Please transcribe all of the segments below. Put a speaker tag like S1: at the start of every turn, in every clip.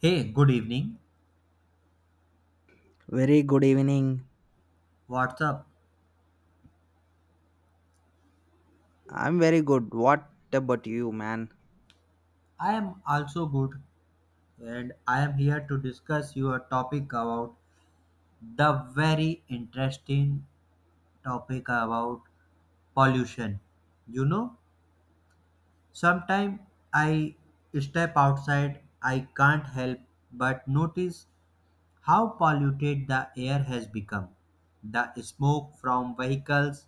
S1: Hey, good evening.
S2: Very good evening.
S1: What's up?
S2: I'm very good. What about you, man?
S1: I am also good and I am here to discuss your topic about the very interesting topic about pollution. You know, sometimes I step outside, I can't help but notice how polluted the air has become. The smoke from vehicles,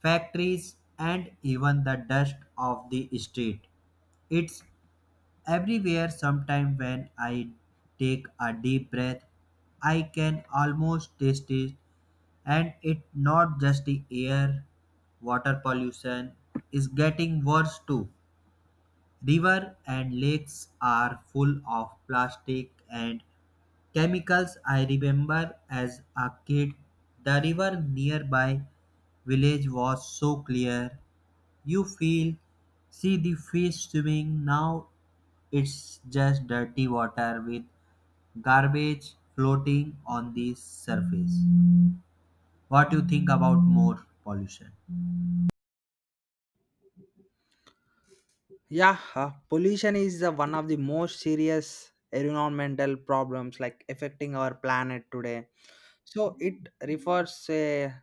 S1: factories, and even the dust of the street. It's everywhere, sometime when I take a deep breath, I can almost taste it, and it not just the air, water pollution is getting worse too. River and lakes are full of plastic and chemicals. I remember as a kid, the river nearby village was so clear you feel, see the fish swimming, now it's just dirty water with garbage floating on the surface. What you think about more pollution?
S2: Yeah, pollution is one of the most serious environmental problems like affecting our planet today. So it refers a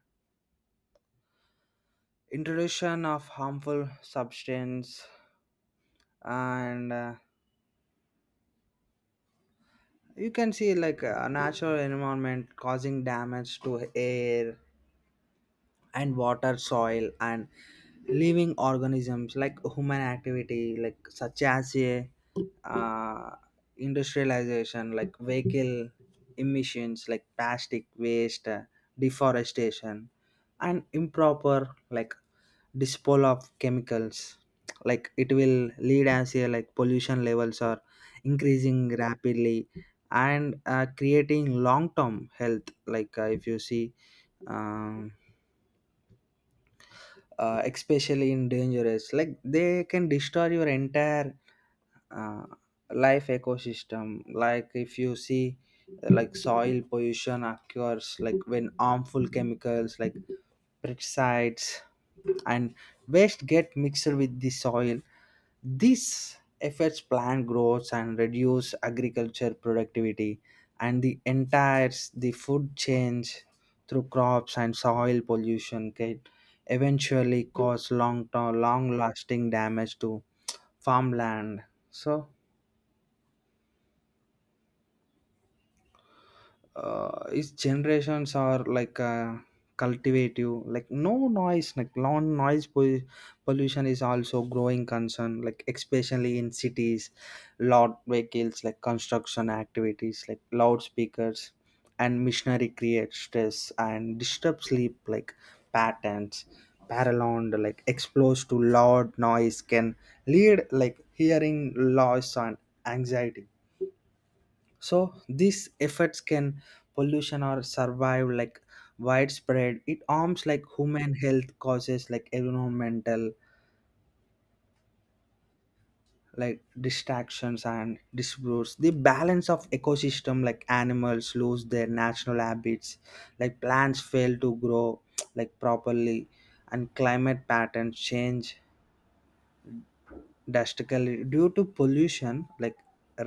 S2: introduction of harmful substance and you can see like a natural environment causing damage to air and water soil and living organisms like human activity like such as a uh, industrialization like vehicle emissions like plastic waste deforestation and improper like disposal of chemicals like it will lead as a like pollution levels are increasing rapidly and creating long term health like if you see um, especially in dangerous like they can destroy your entire uh, life ecosystem like if you see like soil pollution occurs like when harmful chemicals like pesticides and waste get mixed with the soil. This affects plant growth and reduce agriculture productivity and the entire the food change through crops and soil pollution, okay? Eventually cause long long lasting damage to farmland. So its generations are like cultivative like no noise like lawn pollution is also growing concern like especially in cities. Loud vehicles like construction activities like loudspeakers and machinery create stress and disturb sleep like patterns paralleled like exposed to loud noise can lead like hearing loss and anxiety. So these efforts can pollution or survive like widespread. It harms like human health, causes like environmental like distractions and disputes. The balance of ecosystem like animals lose their natural habits, like plants fail to grow like properly and climate patterns change drastically due to pollution like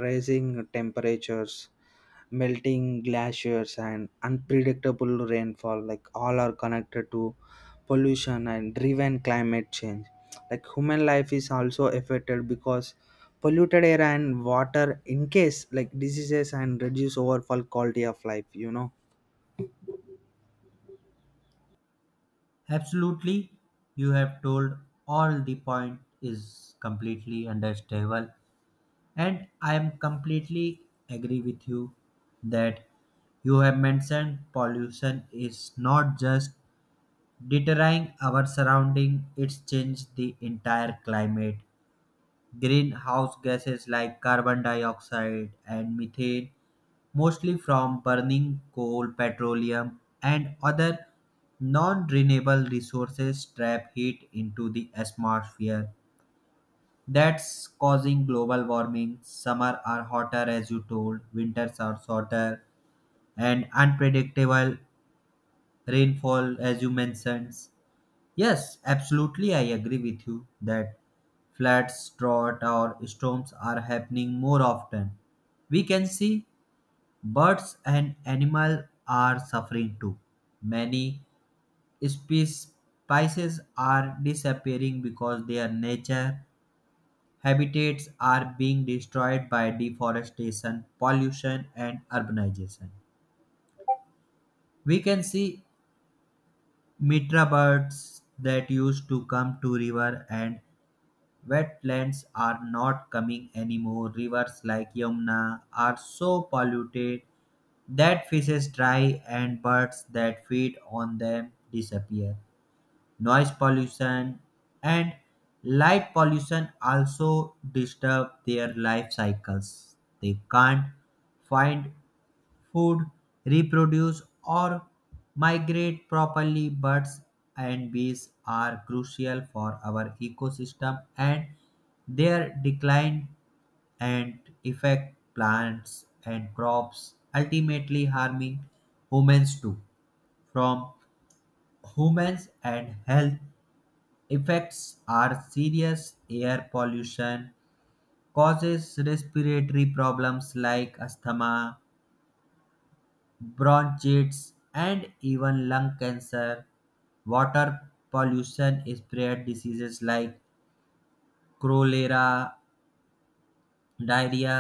S2: rising temperatures, melting glaciers and unpredictable rainfall like all are connected to pollution and driven climate change like human life is also affected because polluted air and water in case like diseases and reduce overall quality of life, you know.
S1: Absolutely, you have told all the point is completely understandable and I am completely agree with you that you have mentioned pollution is not just deterring our surrounding, it's changed the entire climate. Greenhouse gases like carbon dioxide and methane, mostly from burning coal, petroleum, and other non renewable resources, trap heat into the atmosphere. That's causing global warming. Summer are hotter, as you told, winters are shorter, and unpredictable rainfall, as you mentioned. Yes, absolutely. I agree with you that floods, drought, or storms are happening more often. We can see birds and animals are suffering too. Many species are disappearing because their nature habitats are being destroyed by deforestation, pollution, and urbanization. We can see mitra birds that used to come to river and wetlands are not coming anymore. Rivers like Yamuna are so polluted that fishes die and birds that feed on them disappear. Noise pollution and light pollution also disturb their life cycles, they can't find food, reproduce or migrate properly. Birds and bees are crucial for our ecosystem and their decline and affect plants and crops ultimately harming humans too. From humans and health effects are serious. Air pollution causes respiratory problems like asthma, bronchitis and even lung cancer. Water pollution spread diseases like cholera, diarrhea.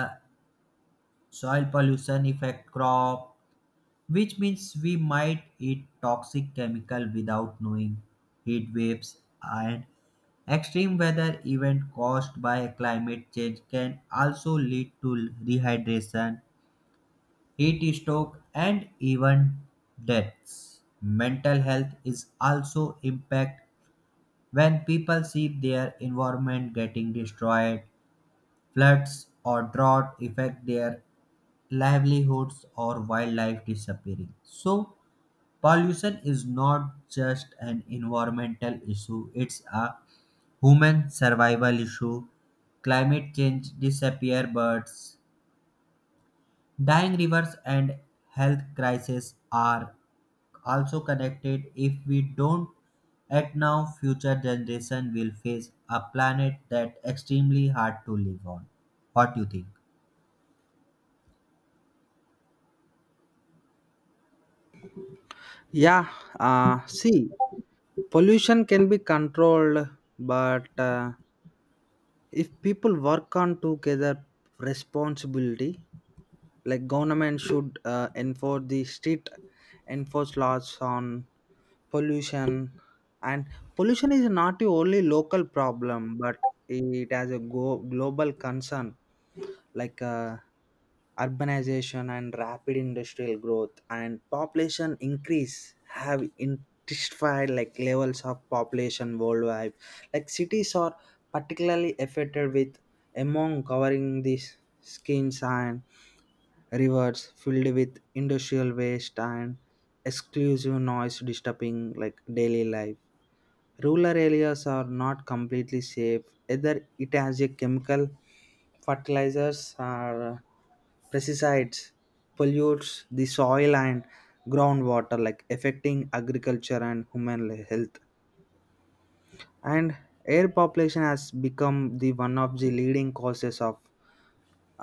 S1: Soil pollution affect crop, which means we might eat toxic chemical without knowing. Heat waves and extreme weather event caused by climate change can also lead to rehydration, heat stroke and even deaths. Mental health is also impacted when people see their environment getting destroyed, floods or drought affect their livelihoods or wildlife disappearing. So pollution is not just an environmental issue, it's a human survival issue. Climate change, disappear birds, dying rivers, and health crises are also connected. If we don't act now, future generation will face a planet that extremely hard to live on. What do you think?
S2: Yeah, uh, see, pollution can be controlled, but if people work on together responsibility like government should enforce the strict enforce laws on pollution. And pollution is not the only local problem, but it has a global concern like urbanization and rapid industrial growth and population increase have intensified like levels of population worldwide. Like cities are particularly affected with among covering these skins and rivers filled with industrial waste and exclusive noise disturbing like daily life. Rural areas are not completely safe either. It has a chemical fertilizers or pesticides pollutes the soil and groundwater like affecting agriculture and human health. And air population has become the one of the leading causes of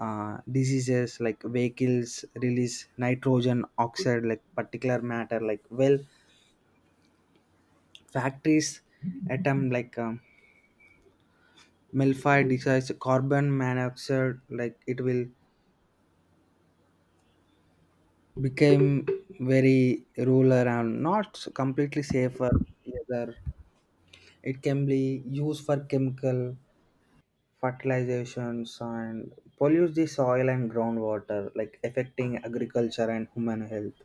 S2: diseases like vehicles release nitrogen oxide like particular matter like well factories atom like melfi decides carbon monoxide like it will become very ruler and not completely safer either. It can be used for chemical fertilizations and pollute the soil and groundwater like affecting agriculture and human health.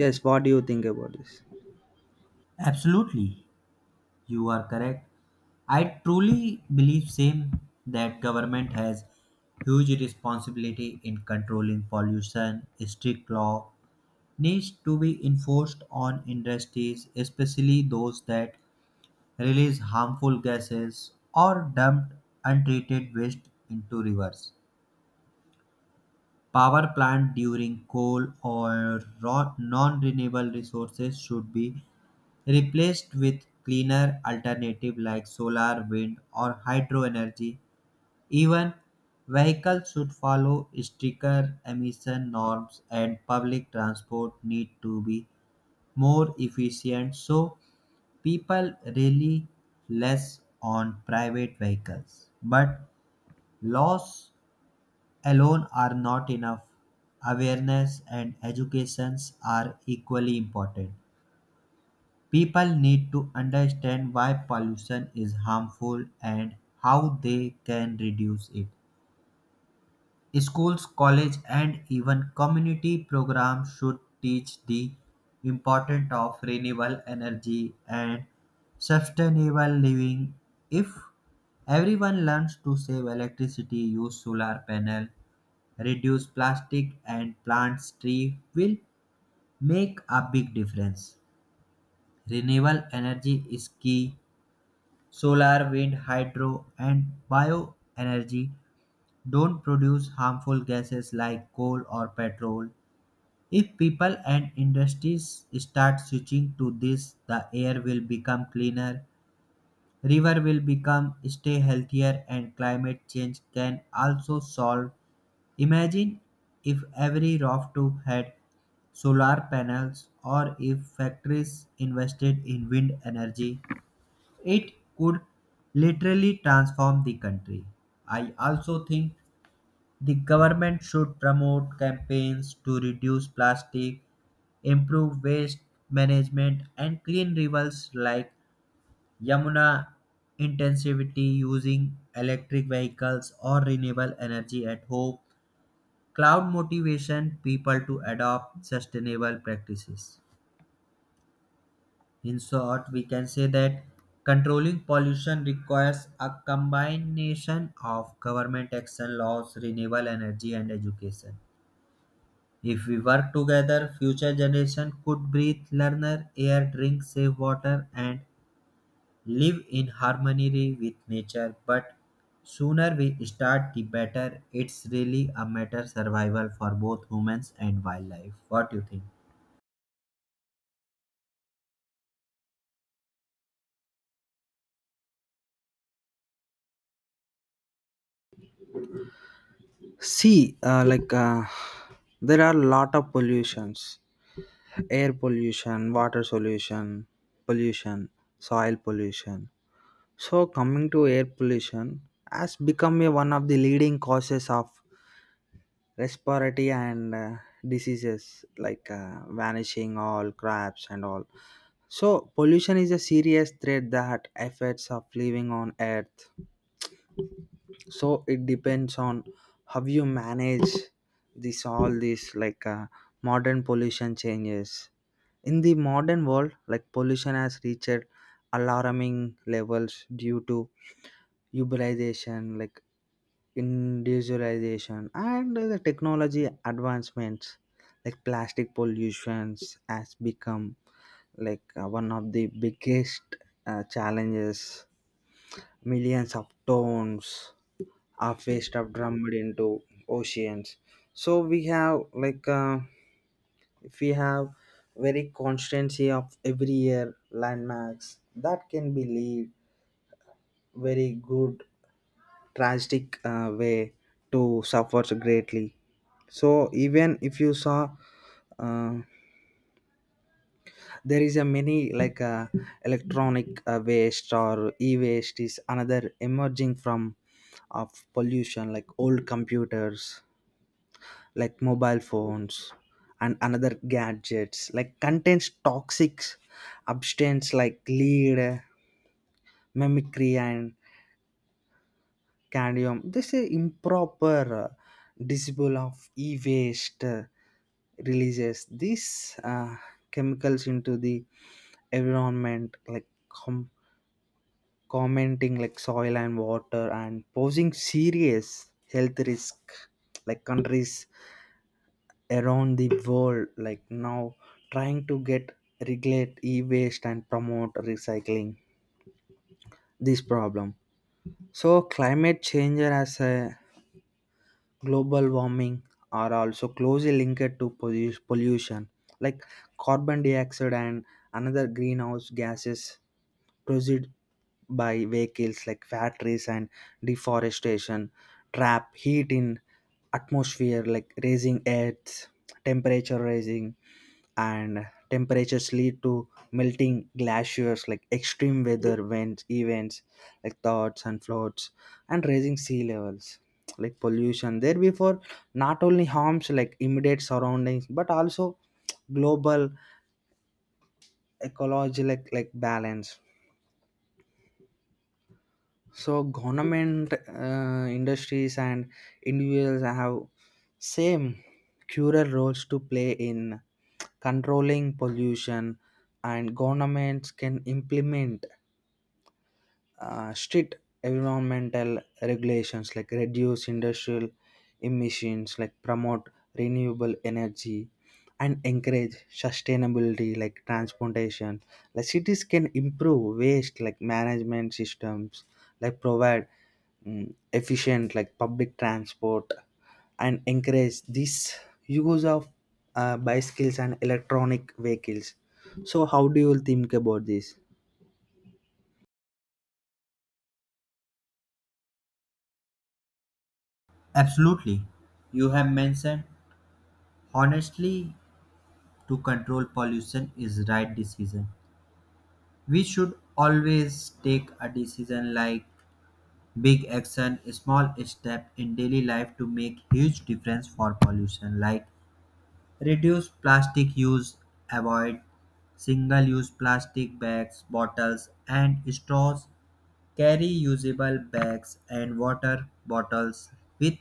S2: Yes, what do you think about this?
S1: Absolutely. You are correct. I truly believe same that government has huge responsibility in controlling pollution. Strict law needs to be enforced on industries, especially those that release harmful gases or dump untreated waste into rivers. Power plant during coal or non-renewable resources should be replaced with cleaner alternative like solar, wind or hydro energy. Even vehicles should follow stricter emission norms and public transport need to be more efficient so people rely less on private vehicles. But laws alone are not enough. Awareness and educations are equally important. People need to understand why pollution is harmful and how they can reduce it. Schools, college, and even community programs should teach the importance of renewable energy and sustainable living. If everyone learns to save electricity, use solar panel, reduce plastic and plant trees will make a big difference. Renewable energy is key. Solar, wind, hydro, and bioenergy don't produce harmful gases like coal or petrol. If people and industries start switching to this, the air will become cleaner, river will become stay healthier, and climate change can also solve. Imagine if every rooftop had solar panels or if factories invested in wind energy. It could literally transform the country. I also think the government should promote campaigns to reduce plastic, improve waste management, and clean rivers like Yamuna intensivity using electric vehicles or renewable energy at home. Cloud motivation people to adopt sustainable practices. In short, we can say that controlling pollution requires a combination of government action, laws, renewable energy, and education. If we work together, future generation could breathe, learner, air, drink, save water, and live in harmony with nature. But sooner we start, the better. It's really a matter survival for both humans and wildlife. What do you think?
S2: See, like there are lot of pollutions: air pollution, water pollution, pollution, soil pollution. So, coming to air pollution, has become a, one of the leading causes of respiratory and diseases like vanishing all crabs and all. So, pollution is a serious threat that affects of living on Earth. So it depends on how you manage this all these like modern pollution changes in the modern world like pollution has reached alarming levels due to urbanization like industrialization, and the technology advancements like plastic pollutions has become like one of the biggest challenges. Millions of tons are waste of drummed into oceans. So we have like if we have very constancy of every year landmarks that can be lead very good tragic way to suffer greatly. So even if you saw uh, there is a many like electronic waste or e-waste is another emerging from of pollution like old computers like mobile phones and another gadgets like contains toxic substance like lead mimicry and cadmium. This is improper disposal of e-waste releases these chemicals into the environment like commenting like soil and water and posing serious health risk like countries around the world like now trying to get regulate e-waste and promote recycling this problem. So climate change as a global warming are also closely linked to pollution like carbon dioxide and another greenhouse gases produced by vehicles like factories and deforestation trap heat in atmosphere like raising earth temperature rising and temperatures lead to melting glaciers like extreme weather events like thoughts and floods and raising sea levels like pollution there before not only harms like immediate surroundings but also global ecology like balance. So government industries and individuals have same crucial roles to play in controlling pollution. And governments can implement strict environmental regulations like reduce industrial emissions like promote renewable energy and encourage sustainability like transportation like cities can improve waste like management systems like provide efficient like public transport and encourage this use of bicycles and electronic vehicles. So how do you think about this?
S1: Absolutely. You have mentioned honestly to control pollution is right decision. We should always take a decision like big action, small step in daily life to make huge difference for pollution like reduce plastic use, avoid single use plastic bags, bottles and straws, carry usable bags and water bottles with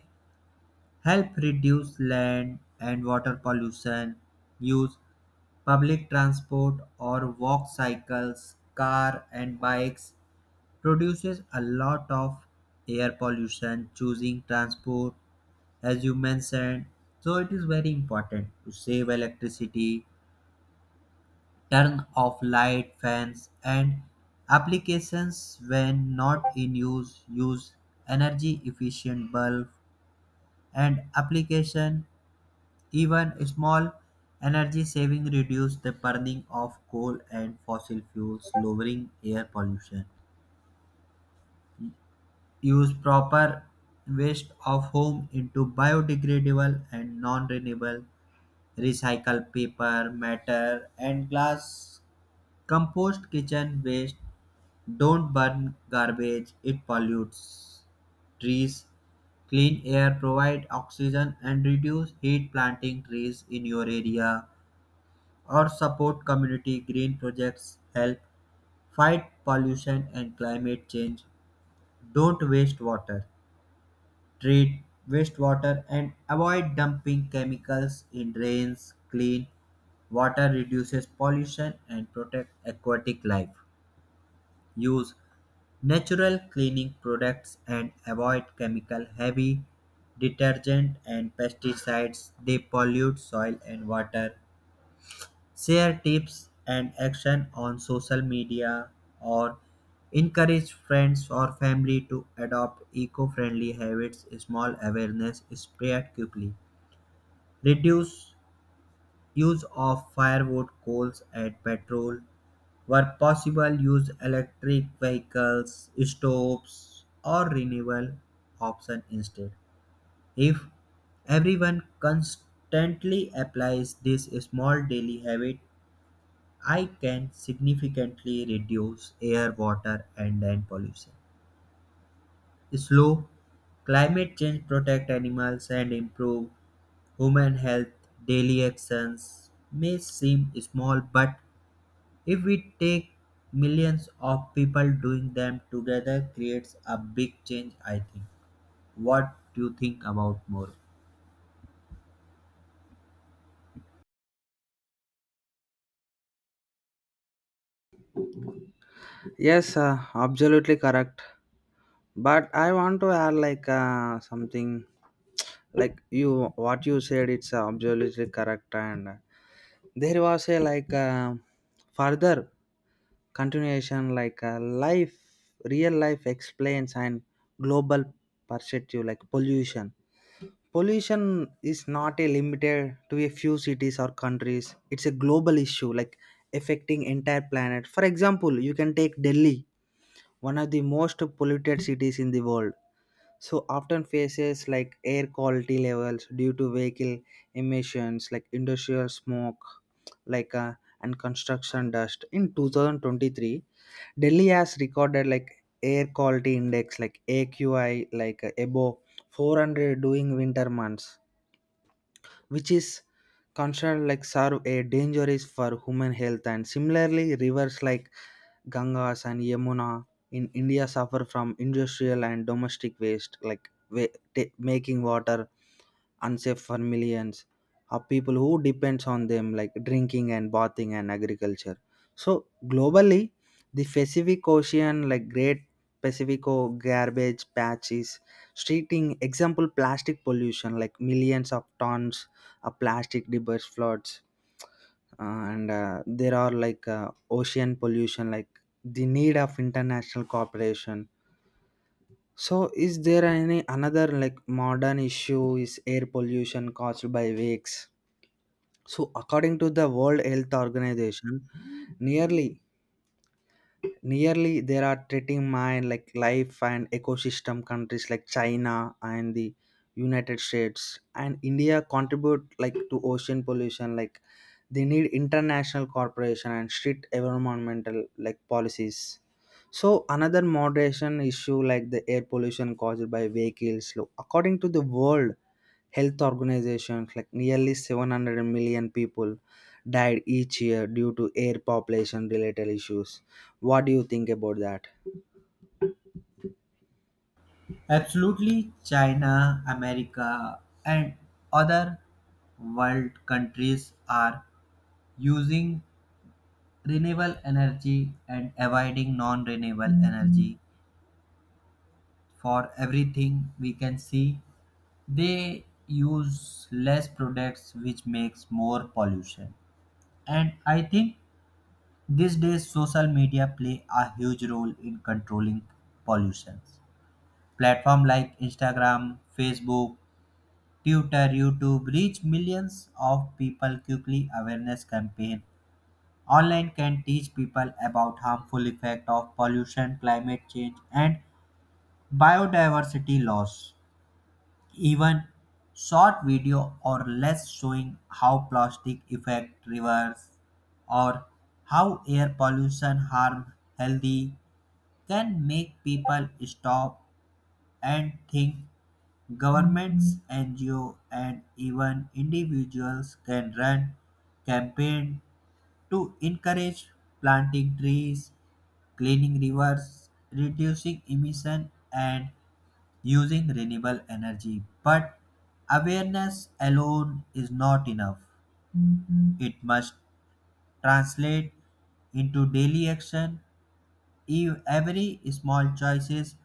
S1: help reduce land and water pollution, use public transport or walk cycles, car and bikes, produces a lot of air pollution, choosing transport as you mentioned. So it is very important to save electricity, turn off light, fans and applications when not in use, use energy efficient bulb and application. Even small energy saving reduce the burning of coal and fossil fuels, lowering air pollution. Use proper waste of home into biodegradable and non-renewable. Recycle paper, matter and glass. Compost kitchen waste. Don't burn garbage; it pollutes trees. Clean air provide oxygen and reduce heat planting trees in your area or support community green projects, help fight pollution and climate change, don't waste water, treat wastewater and avoid dumping chemicals in drains, clean water reduces pollution and protect aquatic life. Use natural cleaning products and avoid chemical heavy detergent and pesticides. They pollute soil and water. Share tips and action on social media or encourage friends or family to adopt eco-friendly habits, small awareness spread quickly. Reduce use of firewood coals and petrol where possible, use electric vehicles stoves or renewable option instead. If everyone constantly applies this small daily habit, I can significantly reduce air, water, and land pollution. Slow climate change, protect animals and improve human health. Daily actions may seem small, but if we take millions of people doing them together, creates a big change, I think. What do you think about more?
S2: Yes, absolutely correct. But I want to add like something like you what you said it's absolutely correct. And there was a like further continuation like life real life explains and global perspective like pollution is not a limited to a few cities or countries. It's a global issue like affecting entire planet. For example, you can take Delhi, one of the most polluted cities in the world, so often faces like air quality levels due to vehicle emissions like industrial smoke like and construction dust. In 2023 Delhi has recorded like air quality index like AQI like above 400 during winter months, which is considered like serve a danger is for human health. And similarly rivers like Gangas and Yamuna in India suffer from industrial and domestic waste like making water unsafe for millions of people who depends on them like drinking and bathing and agriculture. So globally the Pacific Ocean like great Pacifico garbage patches treating example plastic pollution like millions of tons plastic debris floods uh, and there are like ocean pollution like the need of international cooperation. So is there any another like modern issue is air pollution caused by wakes. So according to the World Health Organization, nearly nearly there are treating mine like life and ecosystem. Countries like China and the United States and India contribute like to ocean pollution like they need international cooperation and strict environmental like policies. So another moderation issue like the air pollution caused by vehicles look, according to the World Health Organization, like nearly 700 million people died each year due to air population related issues. What do you think about that?
S1: Absolutely, China, America, and other world countries are using renewable energy and avoiding non-renewable energy for everything. We can see they use less products which makes more pollution, and I think these days social media play a huge role in controlling pollution. Platform like Instagram, Facebook, Twitter, YouTube reach millions of people quickly. Awareness campaign online can teach people about harmful effect of pollution, climate change and biodiversity loss. Even short video or less showing how plastic affect rivers or how air pollution harm healthy can make people stop and think. Governments, NGO and even individuals can run campaign to encourage planting trees, cleaning rivers, reducing emission, and using renewable energy. But awareness alone is not enough. It must translate into daily action. Every small choices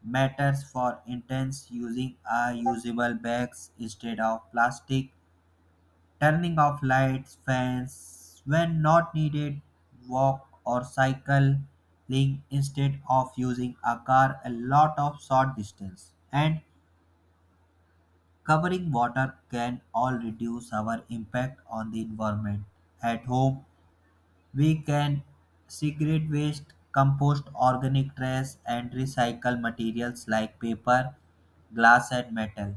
S1: matters. For instance, using a usable bags instead of plastic, turning off lights, fans when not needed, walk or cycling instead of using a car a lot of short distance, and covering water can all reduce our impact on the environment. At home, we can segregate waste, compost organic trash, and recycle materials like paper, glass, and metal.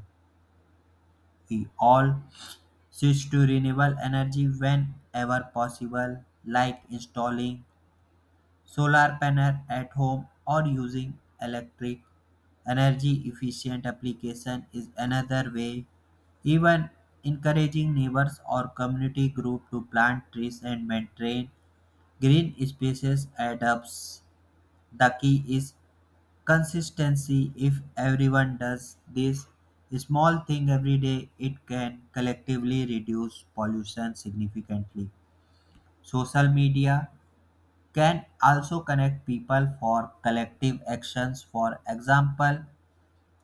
S1: We all switch to renewable energy whenever possible, like installing solar panel at home or using electric. Energy efficient application is another way. Even encouraging neighbors or community group to plant trees and maintain green spaces adapts. The key is consistency. If everyone does this small thing every day, it can collectively reduce pollution significantly. Social media can also connect people for collective actions. For example,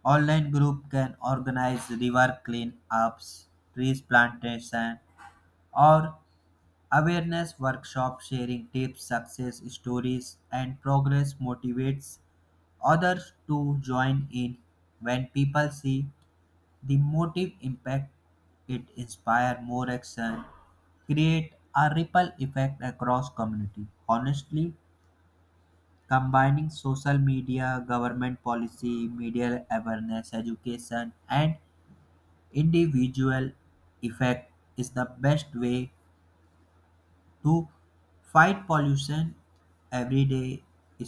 S1: online group can organize river cleanups, trees plantation, or awareness workshop, sharing tips, success stories, and progress motivates others to join in. When people see the motive impact, it inspires more action, create a ripple effect across community. Honestly, combining social media, government policy, media awareness, education, and individual effect is the best way to fight pollution every day.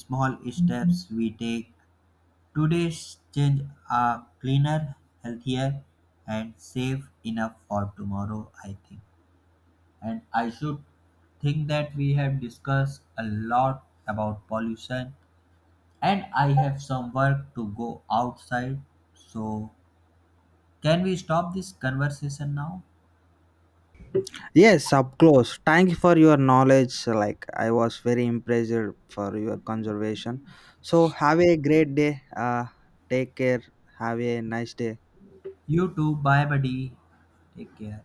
S1: Small steps we take today's changes are cleaner, healthier, and safe enough for tomorrow, I think. And I should think that we have discussed a lot about pollution, and I have some work to go outside. So, can we stop this conversation now?
S2: Yes, up close. Thank you for your knowledge. Like I was very impressed for your conservation. So have a great day. Take care. Have a nice day.
S1: You too. Bye, buddy. Take care.